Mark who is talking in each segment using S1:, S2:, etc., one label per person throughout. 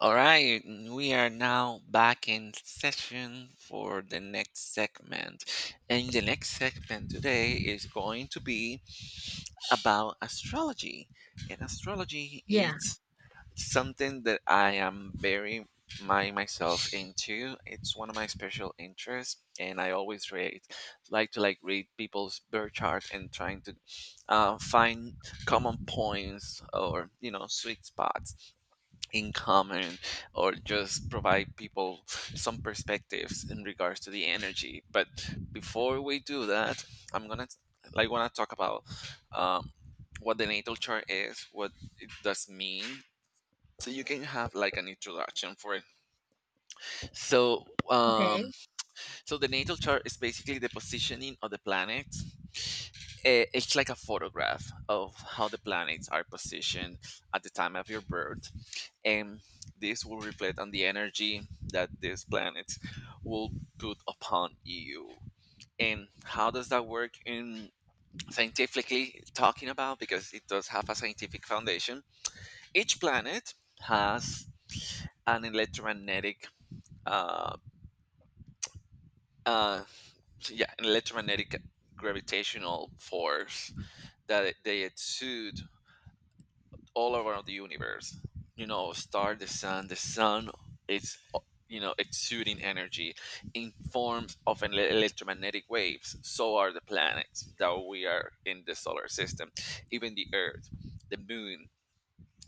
S1: All right, we are now back in session for the next segment. And the next segment today is going to be about astrology. And astrology
S2: Yeah.
S1: is something that I am very my myself into. It's one of my special interests, and I always read like to like read people's birth charts and trying to find common points or sweet spots in common, or just provide people some perspectives in regards to the energy. But before we do that, I'm gonna like wanna talk about um, what the natal chart is, what it does mean, so you can have like an introduction for it. so um
S2: Okay.
S1: so the natal chart is basically the positioning of the planet. It's like a photograph of how the planets are positioned at the time of your birth, and this will reflect on the energy that these planets will put upon you. And how does that work in, scientifically talking about, because it does have a scientific foundation. Each planet has an electromagnetic, uh, uh, yeah an electromagnetic gravitational force that they exude all around the universe. You know, the sun, it's exuding energy in forms of electromagnetic waves. So are the planets that we are in the solar system, even the Earth, the Moon.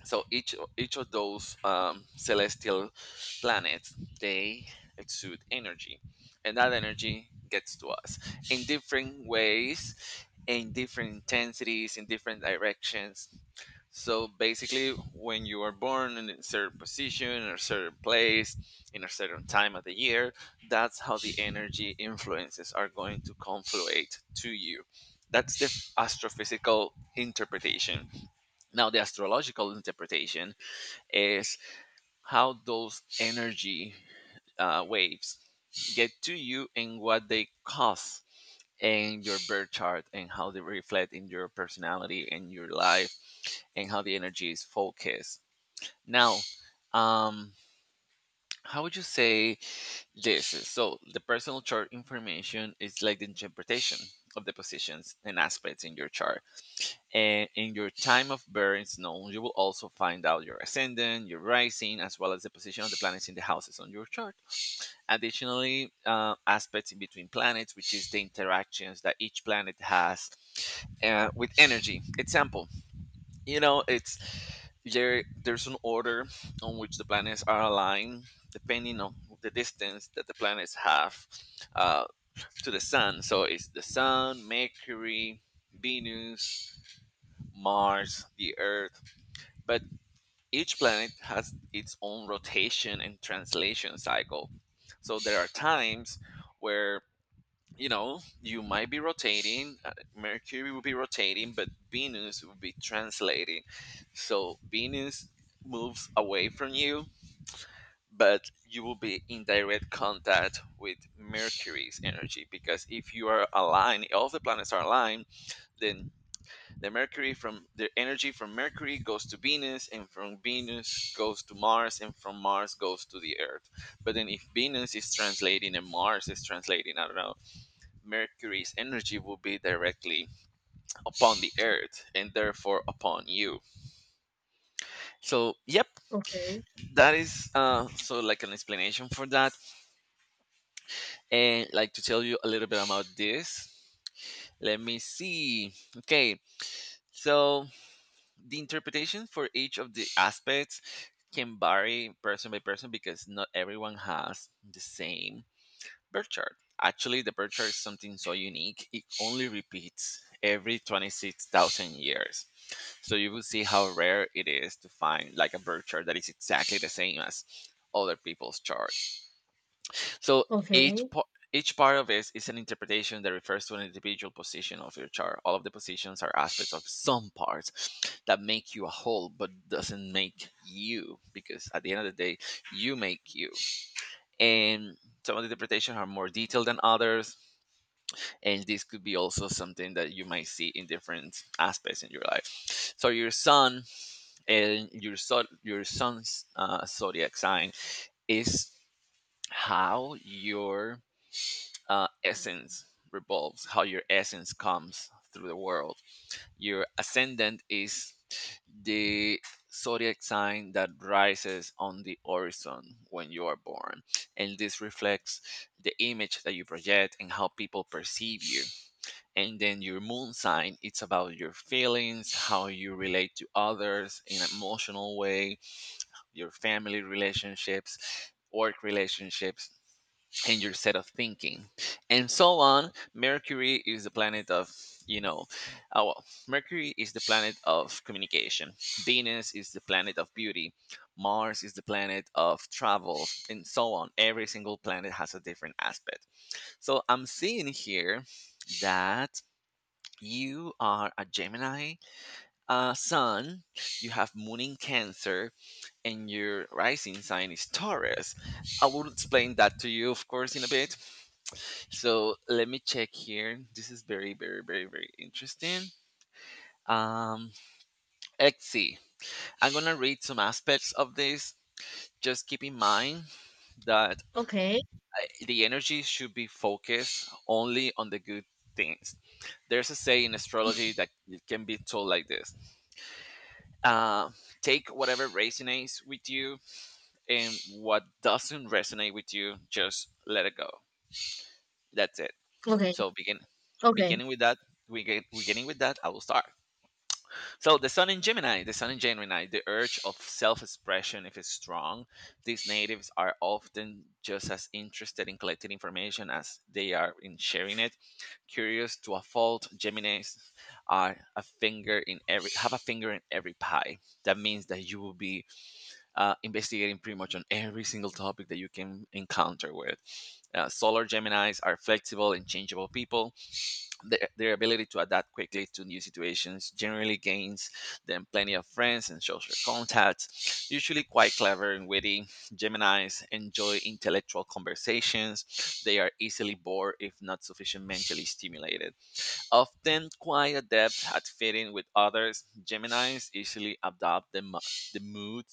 S1: So each of those celestial planets, they exude energy, and that energy gets to us in different ways, in different intensities, in different directions. So basically, when you are born in a certain position or certain place, in a certain time of the year, that's how the energy influences are going to confluate to you. That's the astrophysical interpretation. Now, the astrological interpretation is how those energy waves get to you and what they cause in your birth chart, and how they reflect in your personality and your life, and how the energy is focused. Now, um, how would you say this is? So, the personal chart information is like the interpretation of the positions and aspects in your chart. And in your time of birth known, you will also find out your ascendant, your rising, as well as the position of the planets in the houses on your chart. Additionally, aspects in between planets, which is the interactions that each planet has with energy. Example, you know, it's there. There's an order on which the planets are aligned depending on the distance that the planets have uh, to the sun. So it's the sun, Mercury, Venus, Mars, the Earth. But each planet has its own rotation and translation cycle. So there are times where, you know, you might be rotating, Mercury will be rotating, but Venus will be translating. So Venus moves away from you, but you will be in direct contact with Mercury's energy. Because if you are aligned, all the planets are aligned, then the mercury from the energy from Mercury goes to Venus, and from Venus goes to Mars, and from Mars goes to the Earth. But then, if Venus is translating and Mars is translating, I don't know, Mercury's energy will be directly upon the Earth and therefore upon you. So, yep,
S2: Okay.
S1: that is so like an explanation for that. And like to tell you a little bit about this. Let me see. Okay, so the interpretation for each of the aspects can vary person by person, because not everyone has the same birth chart. Actually, the birth chart is something so unique, it only repeats every 26,000 years. So you will see how rare it is to find like a birth chart that is exactly the same as other people's chart. So
S2: Okay.
S1: each po- each part of this is an interpretation that refers to an individual position of your chart. All of the positions are aspects of some parts that make you a whole, but doesn't make you. Because at the end of the day, you make you. And some of the interpretations are more detailed than others, and this could be also something that you might see in different aspects in your life. So your sun's zodiac sign is how your essence revolves, how your essence comes through the world. Your ascendant is the zodiac sign that rises on the horizon when you are born. And this reflects the image that you project and how people perceive you. And then your moon sign, it's about your feelings, how you relate to others in an emotional way, your family relationships, work relationships, and your set of thinking, and so on. Mercury is the planet of you know Mercury is the planet of communication. Venus is the planet of beauty. Mars is the planet of travel, and so on. Every single planet has a different aspect. So I'm seeing here that you are a Gemini, sun. You have moon in Cancer, and your rising sign is Taurus. I will explain that to you, of course, in a bit. So let me check here. This is very, very, very, very interesting. Um, let's see. I'm gonna read some aspects of this. Just keep in mind that
S2: Okay.
S1: the energy should be focused only on the good things. There's a say in astrology that it can be told like this: uh, take whatever resonates with you, and what doesn't resonate with you, just let it go. That's it.
S2: Okay.
S1: So begin,
S2: Okay.
S1: Beginning with that, I will start. So the sun in Gemini, the urge of self-expression if it's strong. These natives are often just as interested in collecting information as they are in sharing it. Curious to a fault, Geminis are a finger in every have a finger in every pie. That means that you will be investigating pretty much on every single topic that you can encounter with. Solar Geminis are flexible and changeable people. Their ability to adapt quickly to new situations generally gains them plenty of friends and social contacts. Usually quite clever and witty, Geminis enjoy intellectual conversations. They are easily bored if not sufficiently mentally stimulated. Often quite adept at fitting with others, Geminis easily adopt the mood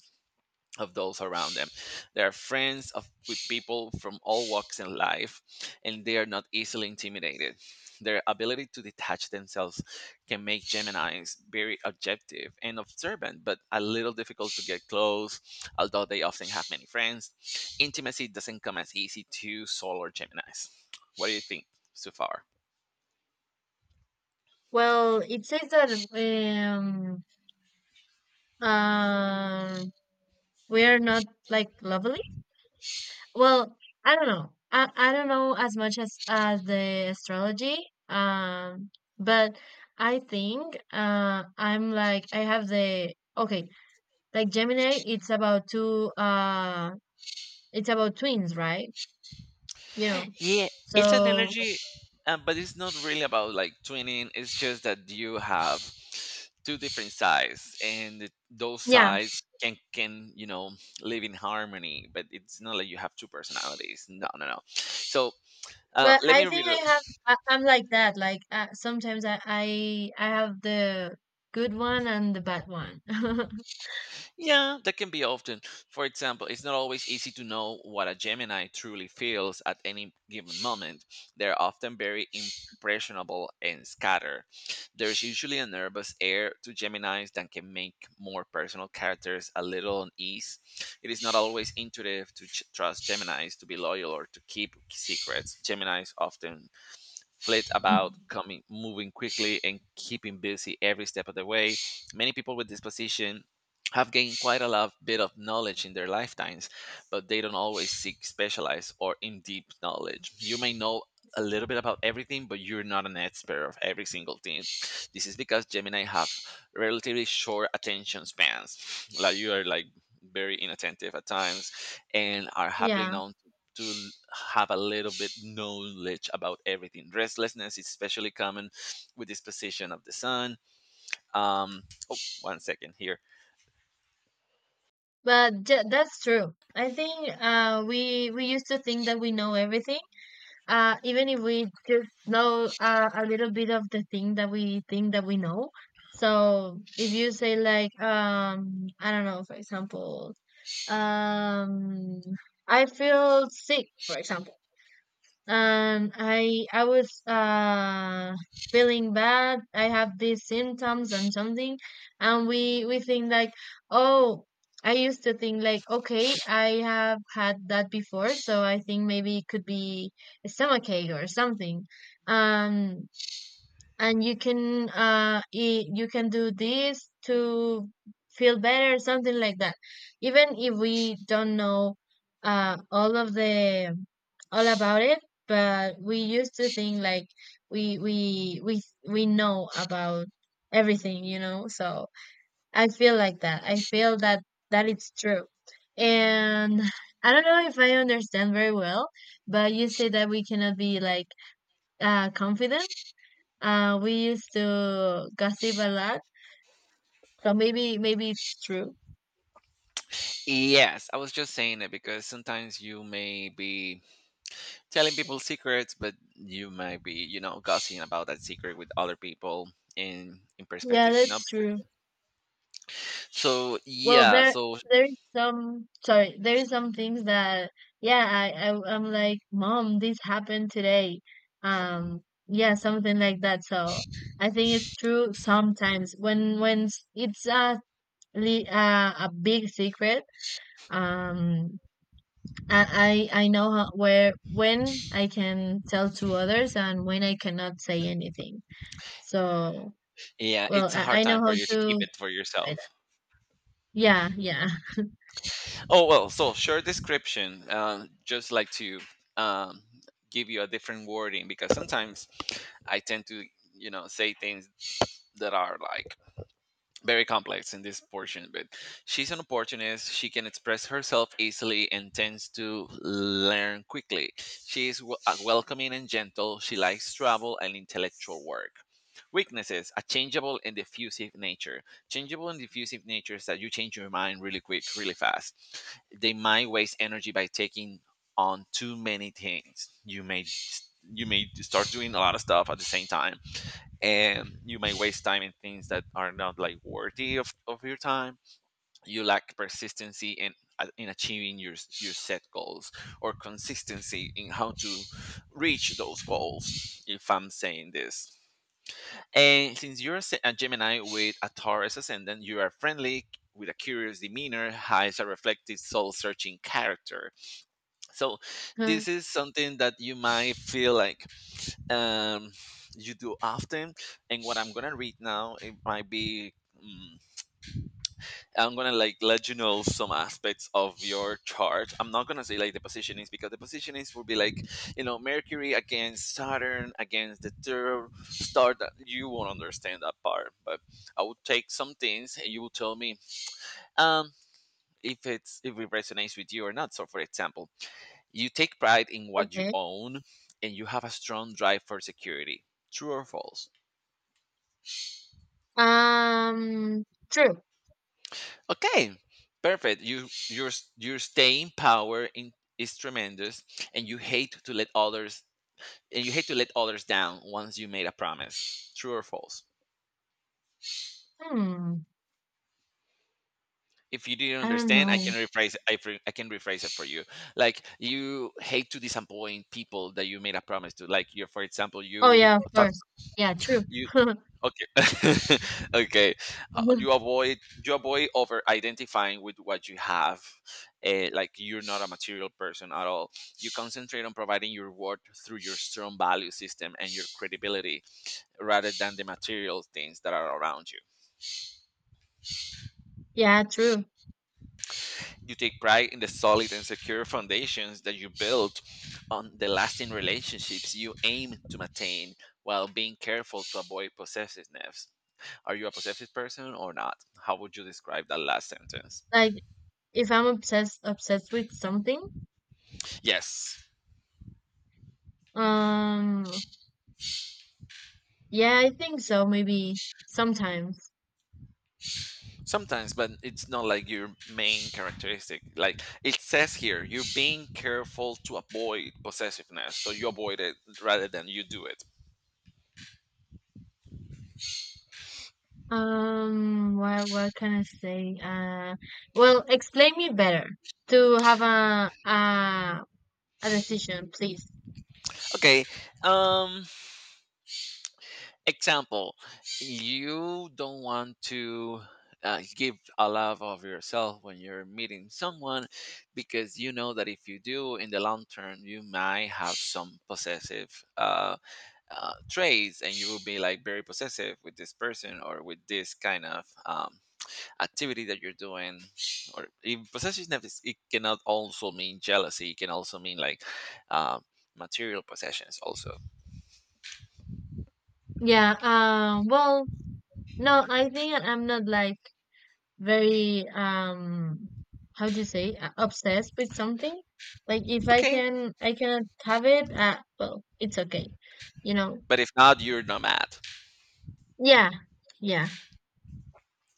S1: of those around them. They are friends with people from all walks in life, and they are not easily intimidated. Their ability to detach themselves can make Geminis very objective and observant, but a little difficult to get close, although they often have many friends. Intimacy doesn't come as easy to solar Geminis. What do you think so far?
S2: Well, it says that um we are not like lovely. Well, I don't know. I don't know as much as the astrology. Um, but I think I'm like I have the okay like Gemini. It's about two it's about twins, right? You know.
S1: Yeah, it's an
S2: So
S1: energy, but it's not really about like twinning. It's just that you have two different sides, and those
S2: yeah,
S1: sides can live in harmony. But it's not like you have two personalities. No, no, no. So
S2: but
S1: let
S2: I
S1: me
S2: think
S1: read.
S2: I have I'm like that. Like sometimes I have the good one and the bad one.
S1: Yeah, that can be often. For example, it's not always easy to know what a Gemini truly feels at any given moment. They're often very impressionable and scattered. There's usually a nervous air to Geminis that can make more personal characters a little unease. It is not always intuitive to trust Geminis to be loyal or to keep secrets. Geminis often flit about, coming, moving quickly and keeping busy every step of the way. Many people with this position have gained quite a lot bit of knowledge in their lifetimes, but they don't always seek specialized or in deep knowledge. You may know a little bit about everything, but you're not an expert of every single thing. This is because Gemini have relatively short attention spans, like you are like very inattentive at times, and are happily
S2: Yeah,
S1: known to have a little bit knowledge about everything. Restlessness is especially common with this position of the sun. Um, oh, one second here.
S2: but j that's true. I think we used to think that we know everything, even if we just know a little bit of the thing that we think that we know. So if you say like I don't know, for example, um, I feel sick, for example, and I was feeling bad. I have these symptoms and something, and we think like, oh, I used to think like, okay, I have had that before, so I think maybe it could be a stomachache or something. Um, and you can eat, you can do this to feel better, something like that, even if we don't know all of the all about it, but we used to think like we we know about everything, you know. So I feel like that, I feel that that it's true. And I don't know if I understand very well, but you say that we cannot be like confident. We used to gossip a lot, so maybe it's true.
S1: Yes, I was just saying it because sometimes you may be telling people secrets, but you might be, you know, gossiping about that secret with other people in
S2: Yeah,
S1: perspective. No,
S2: that's true.
S1: so
S2: Well,
S1: yeah, so
S2: there's some, sorry, there's some things that yeah, I, I'm like, "Mom, this happened today." Um, yeah, something like that. So I think it's true sometimes when it's a a big secret. Um, I know how, where, when I can tell to others and when I cannot say anything. So,
S1: yeah,
S2: well,
S1: it's a hard
S2: I know
S1: time for
S2: how
S1: you to keep
S2: to
S1: it for
S2: buy
S1: yourself.
S2: that. Yeah, yeah.
S1: Oh well, so short description. Just like to um, give you a different wording, because sometimes I tend to, you know, say things that are like very complex in this portion, but she's an opportunist. She can express herself easily and tends to learn quickly. She is welcoming and gentle. She likes travel and intellectual work. Weaknesses, a changeable and diffusive nature. Changeable and diffusive nature is that you change your mind really quick, really fast. They might waste energy by taking on too many things. You may start doing a lot of stuff at the same time, and you may waste time in things that are not like worthy of your time. You lack persistency in achieving your set goals, or consistency in how to reach those goals, if I'm saying this. And since you're a gemini with a taurus ascendant, you are friendly. With a curious demeanor hides a reflective soul searching character. So this is something that you might feel like, um, you do often. And what I'm gonna read now, it might be. mm, I'm gonna like let you know some aspects of your chart. I'm not gonna say like the position is, because the position is would be like, you know, Mercury against Saturn against the third star, that you won't understand that part. But I will take some things and you will tell me um if it's if it resonates with you or not. So for example, you take pride in what you
S2: Okay.
S1: own, and you have a strong drive for security. True or false?
S2: Um, true.
S1: Okay, perfect. Your staying power in, is tremendous, and you hate to let others down once you made a promise. True or false?
S2: Hmm.
S1: If you didn't
S2: I don't
S1: understand, I can
S2: know.
S1: rephrase. I can rephrase it for you. Like you hate to disappoint people that you made a promise to. Like you, for example,
S2: Oh
S1: you
S2: yeah, of
S1: talk,
S2: course. Yeah, true.
S1: you you- okay. Okay. You avoid, over identifying with what you have. Like, you're not a material person at all. You concentrate on providing your worth through your strong value system and your credibility, rather than the material things that are around you.
S2: Yeah, true.
S1: You take pride in the solid and secure foundations that you build, on the lasting relationships you aim to maintain, while being careful to avoid possessiveness. Are you a possessive person or not? How would you describe that last sentence?
S2: Like if I'm obsessed with something,
S1: Yes,
S2: um, yeah, I think so. Maybe sometimes.
S1: sometimes, but it's not like your main characteristic. Like it says here, you're being careful to avoid possessiveness, so you avoid it rather than you do it.
S2: What can I say? Well, explain me better to have a decision, please.
S1: Okay. Um. Example: You don't want to. Give a lot of yourself when you're meeting someone, because you know that if you do, in the long term you might have some possessive uh, traits, and you will be like very possessive with this person, or with this kind of activity that you're doing. Or even possessiveness is- it cannot also mean jealousy, it can also mean like, um, material possessions also.
S2: Yeah, well, no, I think that I'm not like very how do you say obsessed with something. Like if
S1: Okay,
S2: I cannot have it, well, it's okay. You know.
S1: but if not, you're not mad.
S2: Yeah. Yeah.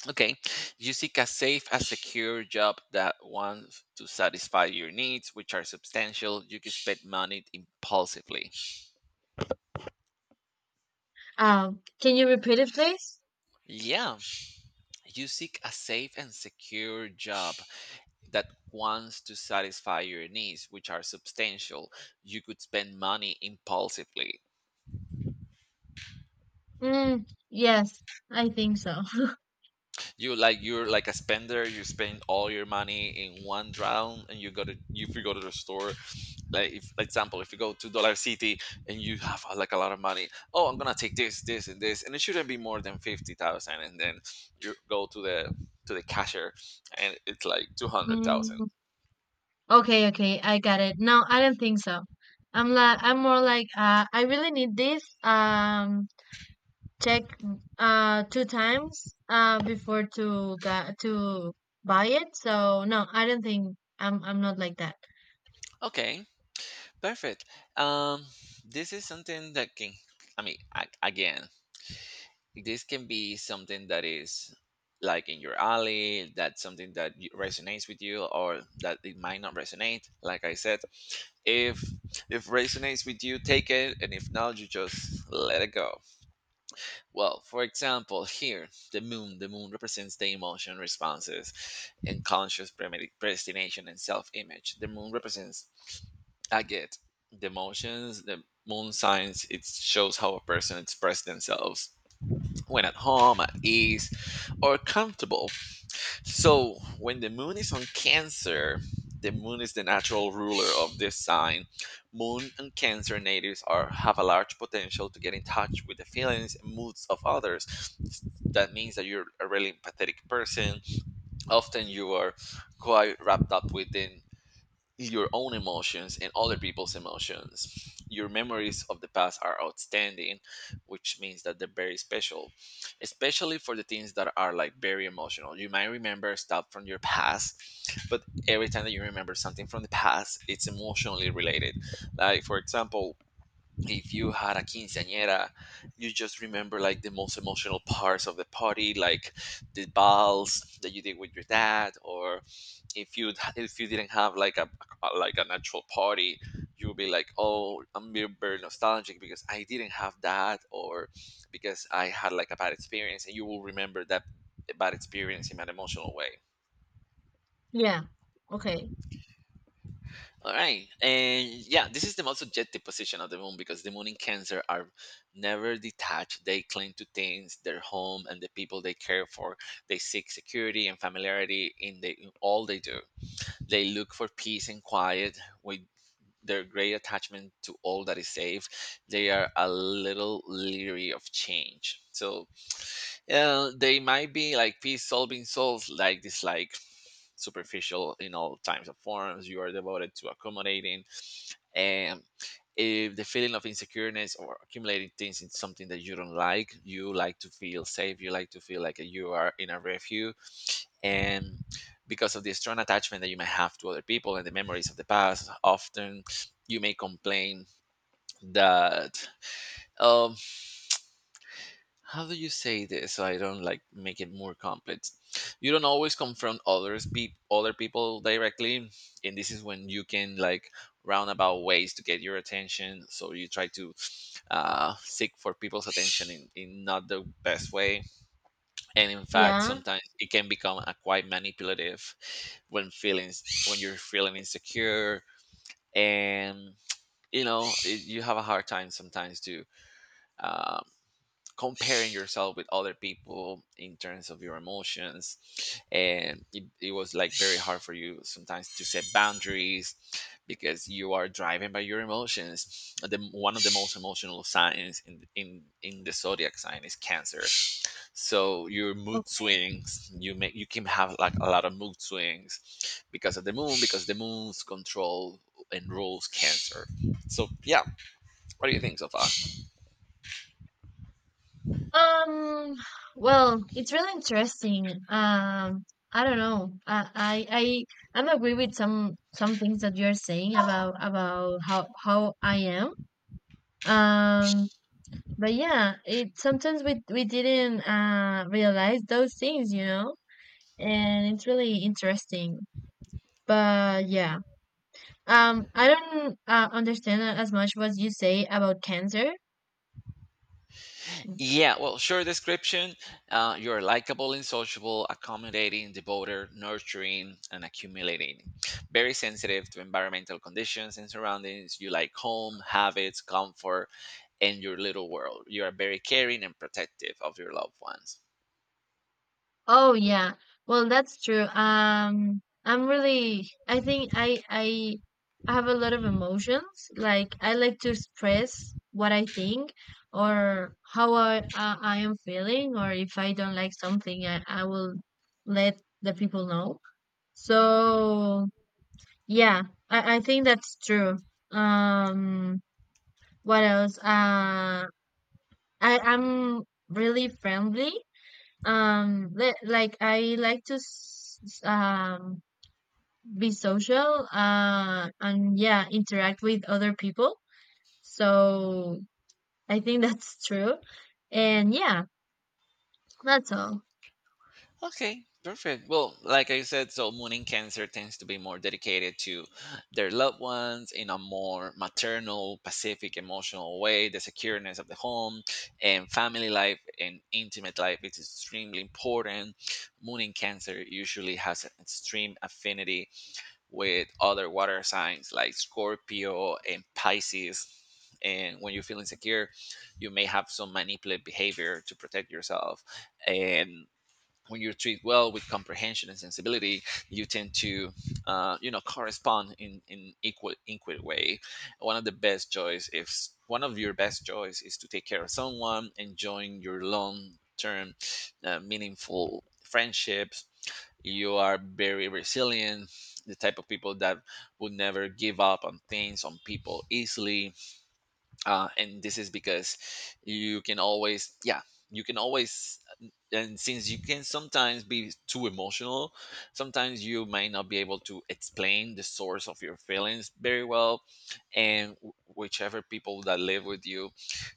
S1: Okay. You seek a safe and secure job that wants to satisfy your needs, which are substantial. You can spend money impulsively.
S2: Can you repeat it please?
S1: Yeah, you seek a safe and secure job that wants to satisfy your needs, which are substantial. You could spend money impulsively.
S2: Mm, yes, I think so.
S1: You like, you're like a spender, you spend all your money in one round, and you go to, if you go to the store, like if for example if you go to dollar city, and you have like a lot of money, oh, I'm gonna take this, this, and this, and it shouldn't be more than 50,000, and then you go to the cashier, and it's like 200,000.
S2: Mm, okay, okay, I got it. No, I don't think so. I'm like I'm more like I really need this. Check two times before to buy it. So no, I don't think I'm not like that.
S1: Okay, perfect. Um, this is something that can, I mean, again, this can be something that is like in your alley, that's something that resonates with you, or that it might not resonate. Like I said, if if resonates with you, take it, and if not, you just let it go. Well, for example, here, the moon represents the emotion responses and conscious predestination and self-image. The moon represents, I get, the emotions, the moon signs, it shows how a person expresses themselves when at home, at ease, or comfortable. So when the moon is on Cancer, the moon is the natural ruler of this sign. Moon and Cancer natives are have a large potential to get in touch with the feelings and moods of others. That means that you're a really empathetic person. Often you are quite wrapped up within is your own emotions and other people's emotions. Your memories of the past are outstanding, which means that they're very special, especially for the things that are like very emotional. You might remember stuff from your past, but every time that you remember something from the past, it's emotionally related. Like, for example, if you had a quinceañera, you just remember like the most emotional parts of the party, like the balls that you did with your dad, or if you if you didn't have like a like an actual party, you would be like, oh, I'm very, very nostalgic because I didn't have that, or because I had like a bad experience, and you will remember that bad experience in an emotional way.
S2: Yeah. Okay.
S1: All right. And yeah, this is the most subjective position of the moon, because the moon in cancer are never detached, they cling to things, their home, and the people they care for. They seek security and familiarity in all they do. They look for peace and quiet with their great attachment to all that is safe. They are a little leery of change. So they might be like peace solving souls, like dislike superficial in all times of forms. You are devoted to accommodating. And if the feeling of insecureness or accumulating things in something that you don't like, you like to feel safe. You like to feel like you are in a refuge. And because of the strong attachment that you may have to other people and the memories of the past, often you may complain that um how do you say this so I don't like make it more complex. You don't always confront other people directly, and this is when you can like roundabout ways to get your attention, so you try to seek for people's attention in not the best way, and in fact
S2: Yeah.
S1: sometimes it can become a quite manipulative when feelings, when you're feeling insecure, and you know it, you have a hard time sometimes to um, comparing yourself with other people in terms of your emotions, and it was like very hard for you sometimes to set boundaries, because you are driven by your emotions. The one of the most emotional signs in the zodiac sign is cancer. So your
S2: O-
S1: mood swings, you make, you can have like a lot of mood swings because of the moon, because the moon's control and rules cancer. So yeah, what do you think so far?
S2: Um. Well, it's really interesting. I don't know. I I'm agree with some things that you're saying about how I am. Um. But yeah, it sometimes we didn't realize those things, you know, and it's really interesting. But yeah, I don't understand as much what you say about cancer.
S1: Yeah, well, short description. You're likable and sociable, accommodating, devoted, nurturing, and accumulating. Very sensitive to environmental conditions and surroundings. You like home, habits, comfort, and your little world. You are very caring and protective of your loved ones.
S2: Oh yeah, well that's true. I'm really. I think I have a lot of emotions. Like I like to express what I think or how I am feeling, or if I don't like something, I will let the people know. So yeah, I think that's true. Um, what else? I I'm really friendly. Like I like to be social. And yeah, interact with other people. So I think that's true. And yeah, that's all.
S1: Okay, perfect. Well, like I said, so Moon in Cancer tends to be more dedicated to their loved ones in a more maternal, pacific, emotional way. The secureness of the home and family life and intimate life is extremely important. Moon in Cancer usually has an extreme affinity with other water signs like Scorpio and Pisces. And when you feel insecure, you may have some manipulative behavior to protect yourself. And when you're treated well with comprehension and sensibility, you tend to, you know, correspond in equal equal way. One of the best joys, if One of your best joys is to take care of someone, enjoying your long term, meaningful friendships. You are very resilient, the type of people that would never give up on things, on people easily. And this is because you can always, yeah, you can always. And since you can sometimes be too emotional, sometimes you might not be able to explain the source of your feelings very well, and whichever people that live with you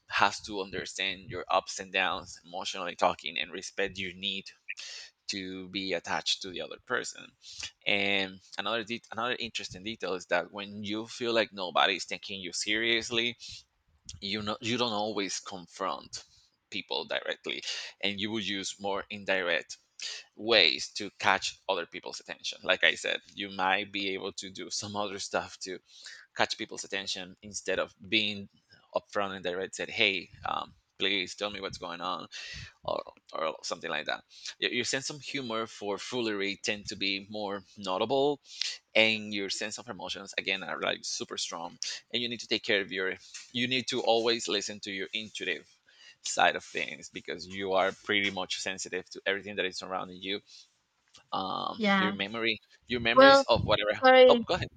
S1: has to understand your ups and downs emotionally talking, and respect your need to be attached to the other person. And another interesting detail is that when you feel like nobody's taking you seriously, you know, you don't always confront people directly, and you will use more indirect ways to catch other people's attention. Like I said, you might be able to do some other stuff to catch people's attention, instead of being upfront and direct, said hey, please tell me what's going on, or, or something like that. Your sense of humor for foolery tend to be more notable, and your sense of emotions again are like super strong, and you need to take care of your, you need to always listen to your intuitive side of things, because you are pretty much sensitive to everything that is surrounding you. Your
S2: Yeah.
S1: memory, your memories
S2: Well,
S1: of whatever. Oh,
S2: sorry.
S1: go ahead.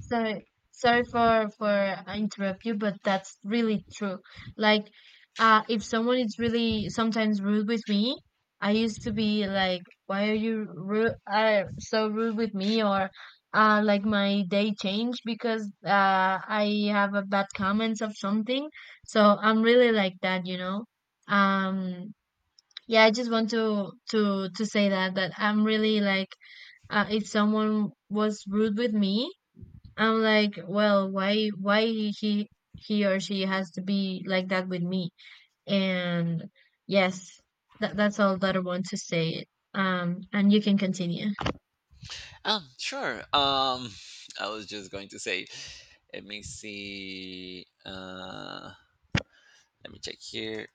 S2: So sorry for I interrupt you, but that's really true. Like, if someone is really sometimes rude with me, I used to be like, "Why are you rude? Are so rude with me?" Or, like my day changed because I have a bad comments of something. So I'm really like that, you know. Um, yeah, I just want to to say that I'm really like, if someone was rude with me. I'm like, well, why he or she has to be like that with me? And yes, that that's all that I want to say it. And you can continue.
S1: Sure. I was just going to say, let me see, let me check here.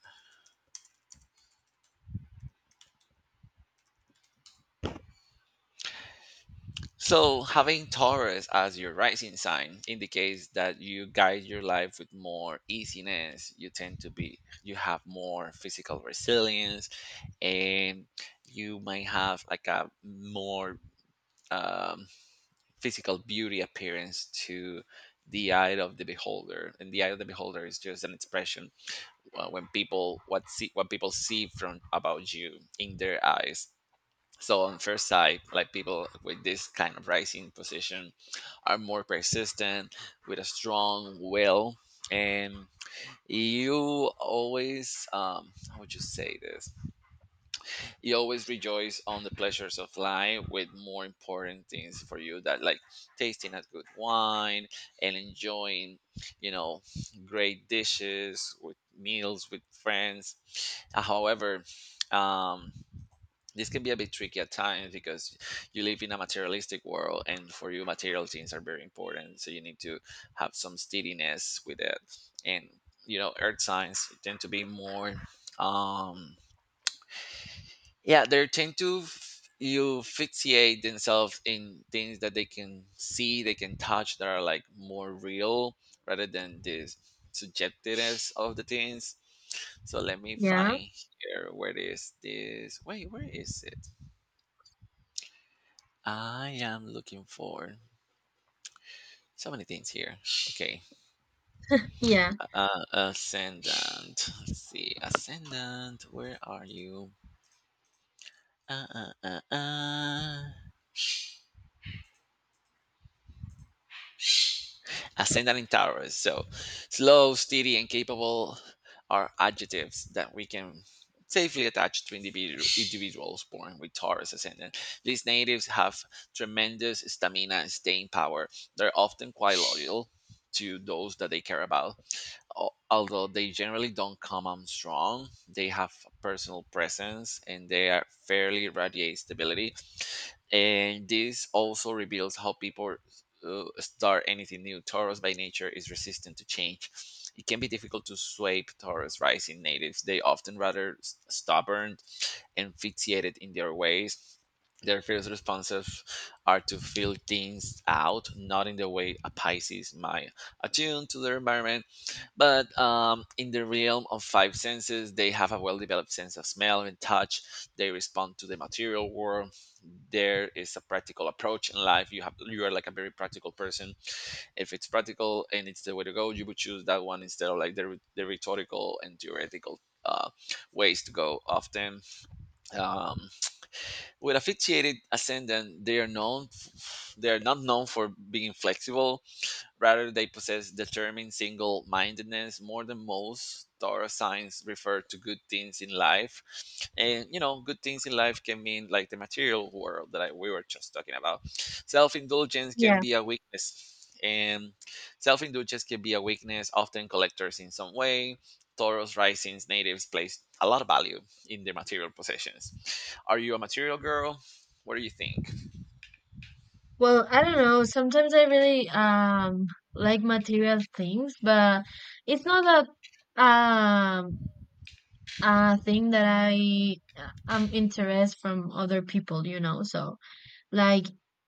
S1: So, having Taurus as your rising sign indicates that you guide your life with more easiness. You tend to be, you have more physical resilience, and you might have like a more um, physical beauty appearance to the eye of the beholder. And the eye of the beholder is just an expression when people see from about you in their eyes. So on first sight, like people with this kind of rising position are more persistent with a strong will. And you always, how would you say this you always rejoice on the pleasures of life with more important things for you that like tasting a good wine and enjoying you know great dishes with meals with friends. However, um this can be a bit tricky at times because you live in a materialistic world and for you material things are very important, so you need to have some steadiness with it. And you know, earth signs tend to be more, um yeah, they tend to you fixate themselves in things that they can see, they can touch, that are like more real rather than this subjectiveness of the things. So let me
S2: Yeah.
S1: find here, where is this? Wait, where is it? I am looking for so many things here. Okay,
S2: Yeah.
S1: ascendant. Let's see, ascendant. Where are you? Uh, uh, uh, uh. Ascendant in Taurus. So, slow, steady, and capable are adjectives that we can safely attach to individuals born with Taurus ascendant. These natives have tremendous stamina and staying power. They're often quite loyal to those that they care about. Although they generally don't come on strong, they have a personal presence and they are fairly radiate stability. And this also reveals how people start anything new. Taurus by nature is resistant to change. It can be difficult to sway Taurus rising natives. They often rather stubborn and fixated in their ways. Their first responses are to feel things out, not in the way a Pisces might attune to their environment, but in the realm of five senses, they have a well developed sense of smell and touch. They respond to the material world. There is a practical approach in life. You have, you are like a very practical person. If it's practical and it's the way to go, you would choose that one instead of like the rhetorical and theoretical uh, ways to go. Often, um, with a fixated ascendant, they are known. They are not known for being flexible. Rather, they possess determined single mindedness more than most. Torah signs refer to good things in life. And you know, good things in life can mean like the material world that we were just talking about. Self indulgence can
S2: Yeah.
S1: be a weakness. And self indulgence can be a weakness, often collectors in some way. Taurus risings, natives place a lot of value in their material possessions. Are you a material girl? What do you think?
S2: Well, I don't know. Sometimes I really like material things, but it's not a a thing that I am interest from other people, you know. So like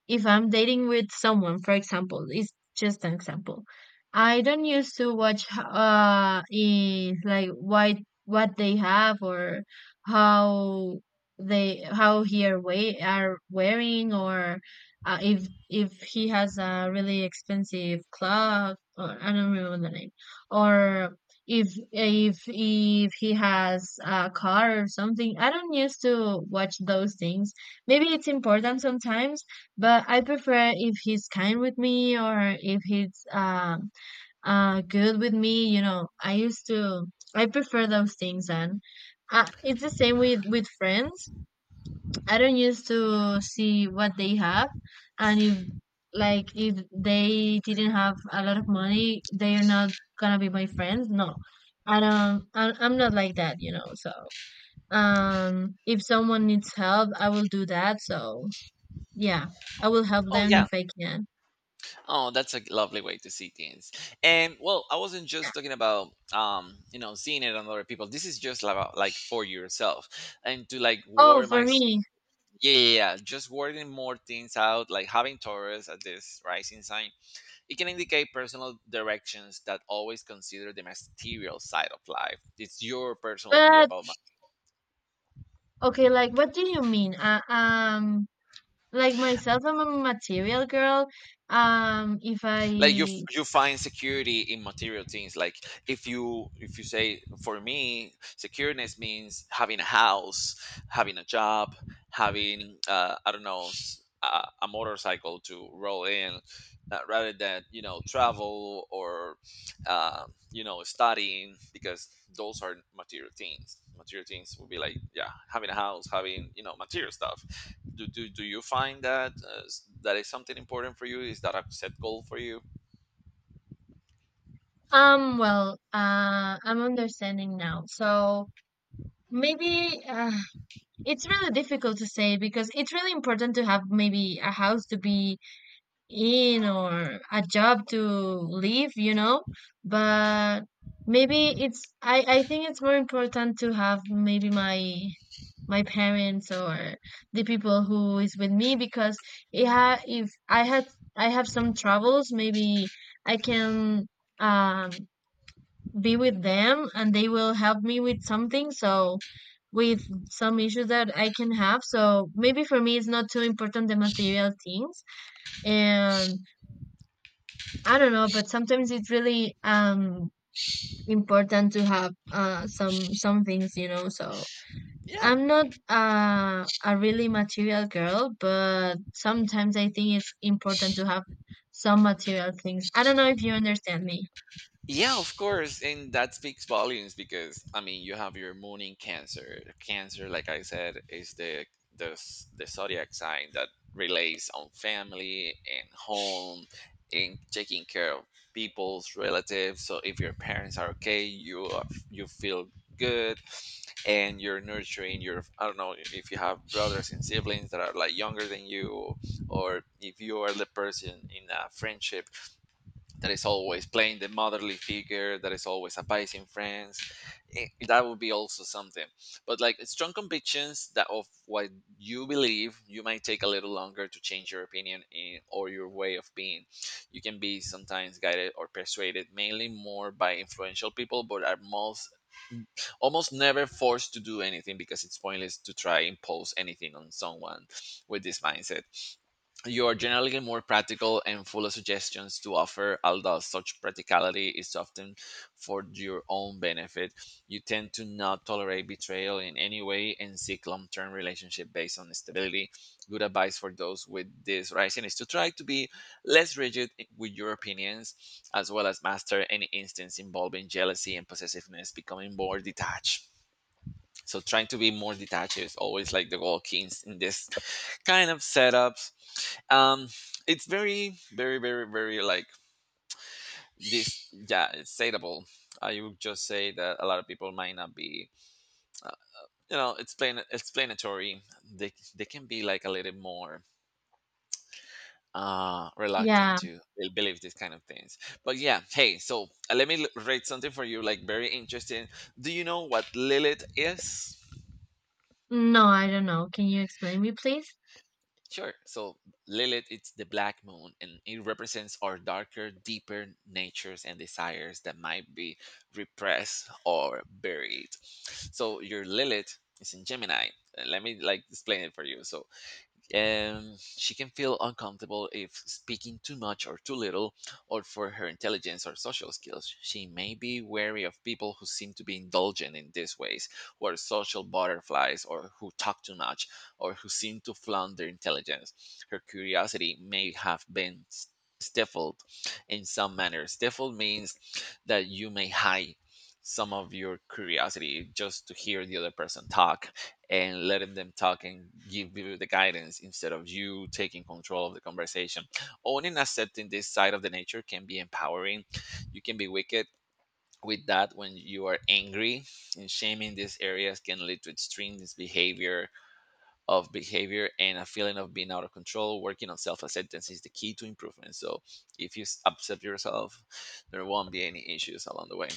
S2: if I'm dating with someone, for example, it's just an example. I don't used to watch in like why what they have or how they how he are we are wearing or if he has a really expensive clock, or I don't remember the name, or if he has a car or something. I don't used to watch those things. Maybe it's important sometimes, but I prefer if he's kind with me or if he's good with me. You know, I used to I prefer those things, and it's the same with friends. I don't used to see what they have, and if like if they didn't have a lot of money, they are not gonna be my friends. No, I don't. I'm not like that, you know. So um, if someone needs help, I will do that. So yeah, I will help
S1: Oh,
S2: them
S1: yeah.
S2: if I can.
S1: Oh, that's a lovely way to see things. And well, I wasn't
S2: Yeah.
S1: just talking about, you know, seeing it on other people. This is just about like for yourself, and to like
S2: Oh,
S1: ward my
S2: for me.
S1: yeah, yeah, yeah, just wording more things out, like having Taurus at this rising sign. It can indicate personal directions that always consider the material side of life. It's your personal view
S2: But
S1: about,
S2: okay, like what do you mean? Like myself, I'm a material girl. If
S1: like you
S2: I
S1: you find security in material things. Like if you say for me secureness means having a house, having a job, having I don't know, a motorcycle to roll in, rather than you know, travel or, uh, you know, studying. Because those are material things. Material things would be like, yeah, having a house, having you know, material stuff. Do you find that that is something important for you? Is that a set goal for you?
S2: well, I'm understanding now. So maybe it's really difficult to say because it's really important to have maybe a house to be in or a job to leave, you know. But maybe it's I think it's more important to have maybe my my parents or the people who is with me because it ha- if I had I have some troubles. Maybe I can um be with them and they will help me with something, so with some issues that I can have. So maybe for me it's not too important the material things. And I don't know, but sometimes it's really important to have some things, you know. So
S1: Yeah,
S2: I'm not a really material girl, but sometimes I think it's important to have some material things. I don't know if you understand me.
S1: yeah, of course, and that speaks volumes. Because I mean, you have your moon in Cancer. Cancer, like I said, is the zodiac sign that relates on family and home and taking care of people's relatives. So if your parents are okay, you are, you feel good, and you're nurturing your. I don't know if you have brothers and siblings that are like younger than you, or if you are the person in a friendship that is always playing the motherly figure, that is always advising friends. Eh, that would be also something. But like strong convictions that of what you believe, you might take a little longer to change your opinion in, or your way of being. You can be sometimes guided or persuaded mainly more by influential people, but are most almost never forced to do anything, because it's pointless to try impose anything on someone with this mindset. You are generally more practical and full of suggestions to offer, although such practicality is often for your own benefit. You tend to not tolerate betrayal in any way and seek long term relationship based on stability. Good advice for those with this rising is to try to be less rigid with your opinions, as well as master any instance involving jealousy and possessiveness, becoming more detached. So trying to be more detached is always like the goal key in this kind of setups. um it's very, very, very, very like this. Yeah, it's stateable. I would just say that a lot of people might not be, you know, explain explanatory. They can be like a little more reluctant
S2: Yeah.
S1: to believe these kind of things. But yeah, hey, so let me rate something for you like very interesting. Do you know what Lilith is?
S2: No, I don't know. Can you explain me, please?
S1: Sure. So Lilith, it's the black moon, and it represents our darker, deeper natures and desires that might be repressed or buried. So your Lilith is in Gemini. Let me like explain it for you. So she can feel uncomfortable if speaking too much or too little, or for her intelligence or social skills. She may be wary of people who seem to be indulgent in these ways, who are social butterflies, or who talk too much, or who seem to flaunt their intelligence. Her curiosity may have been stifled in some manner. Stifled means that you may hide some of your curiosity just to hear the other person talk, and letting them talk and give you the guidance instead of you taking control of the conversation. Owning and accepting this side of the nature can be empowering. You can be wicked with that when you are angry, and shaming these areas can lead to extreme behavior of behavior and a feeling of being out of control. Working on self-acceptance is the key to improvement. So if you accept yourself, there won't be any issues along the way.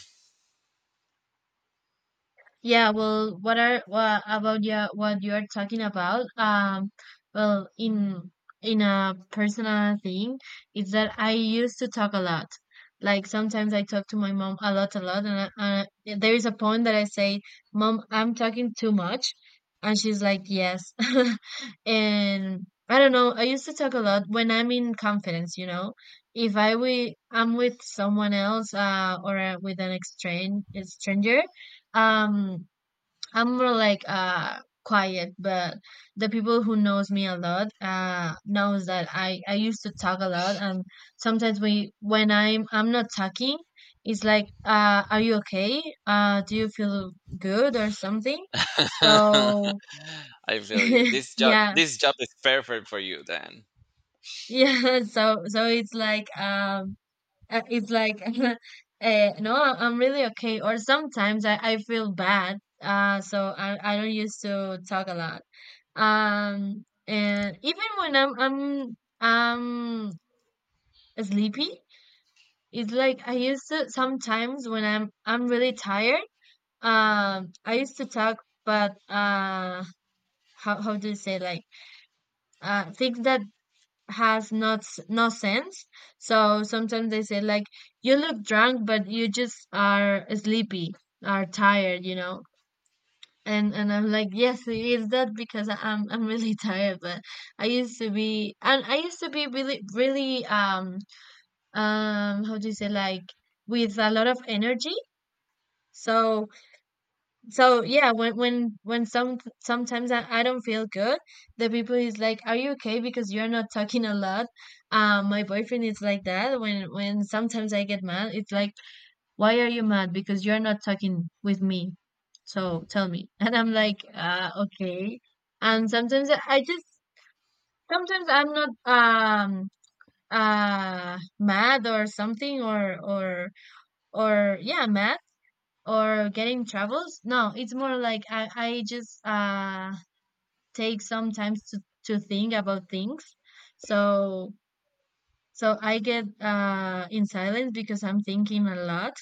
S2: Yeah, well, what about your what you are talking about? Well, in a personal thing, is that I used to talk a lot. Like sometimes I talk to my mom a lot, and I, there is a point that I say, "Mom, I'm talking too much," and she's like, "Yes." And I don't know. I used to talk a lot when I'm in confidence, you know. If I'm with someone else, or with an exchange stranger, um I'm more like quiet, but the people who knows me a lot knows that I used to talk a lot, and sometimes we when I'm not talking, it's like uh, are you okay? Do you feel good or something? So
S1: I feel you. This job,
S2: yeah,
S1: this job is perfect for you, Dan.
S2: yeah. So so it's like no, I'm really okay. Or sometimes I feel bad. So I don't used to talk a lot. And even when I'm sleepy, it's like I used to sometimes when I'm really tired. I used to talk, but how do you say like things that has not s- no sense. So sometimes they say like you look drunk, but you just are sleepy, are tired, you know. And I'm like, yes, it is that because I'm really tired. But I used to be, and I used to be really really how do you say like with a lot of energy. So so yeah, when some sometimes I don't feel good, the people is like, are you okay? Because you're not talking a lot. My boyfriend is like that. When sometimes I get mad, it's like why are you mad? Because you're not talking with me. So tell me. And I'm like, okay. And sometimes I just, sometimes I'm not, mad or something or, yeah, mad or getting troubles. No, it's more like I just, take some time to think about things. So, so I get, in silence because I'm thinking a lot.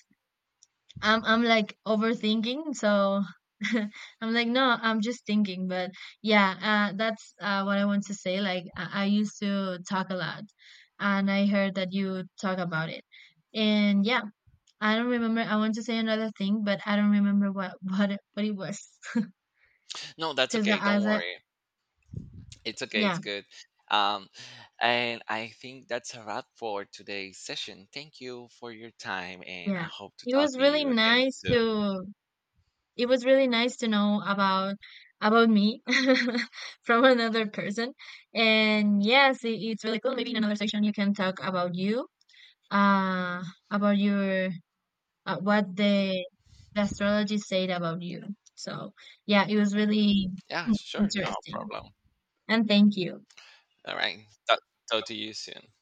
S2: I'm like overthinking, so I'm like, no, I'm just thinking. But yeah, that's what I want to say. Like, I used to talk a lot, and I heard that you talk about it. And yeah, I don't remember. I want to say another thing, but I don't remember what what it was.
S1: No, that's
S2: Because
S1: okay.
S2: the
S1: Don't
S2: as I
S1: worry. It's okay. It's
S2: yeah
S1: good. Um, and I think that's a wrap for today's session. Thank you for your time, and I
S2: yeah,
S1: hope to
S2: it
S1: talk
S2: was
S1: to
S2: really
S1: you again
S2: nice
S1: soon.
S2: to it was really nice to know about me from another person. And yes, it, it's really cool. Maybe in another section you can talk about you, uh, about your what the astrology said about you. So yeah, it was really
S1: Yeah,
S2: hmm,
S1: sure. No
S2: interesting.
S1: problem.
S2: And thank you.
S1: All right. Talk, talk to you soon.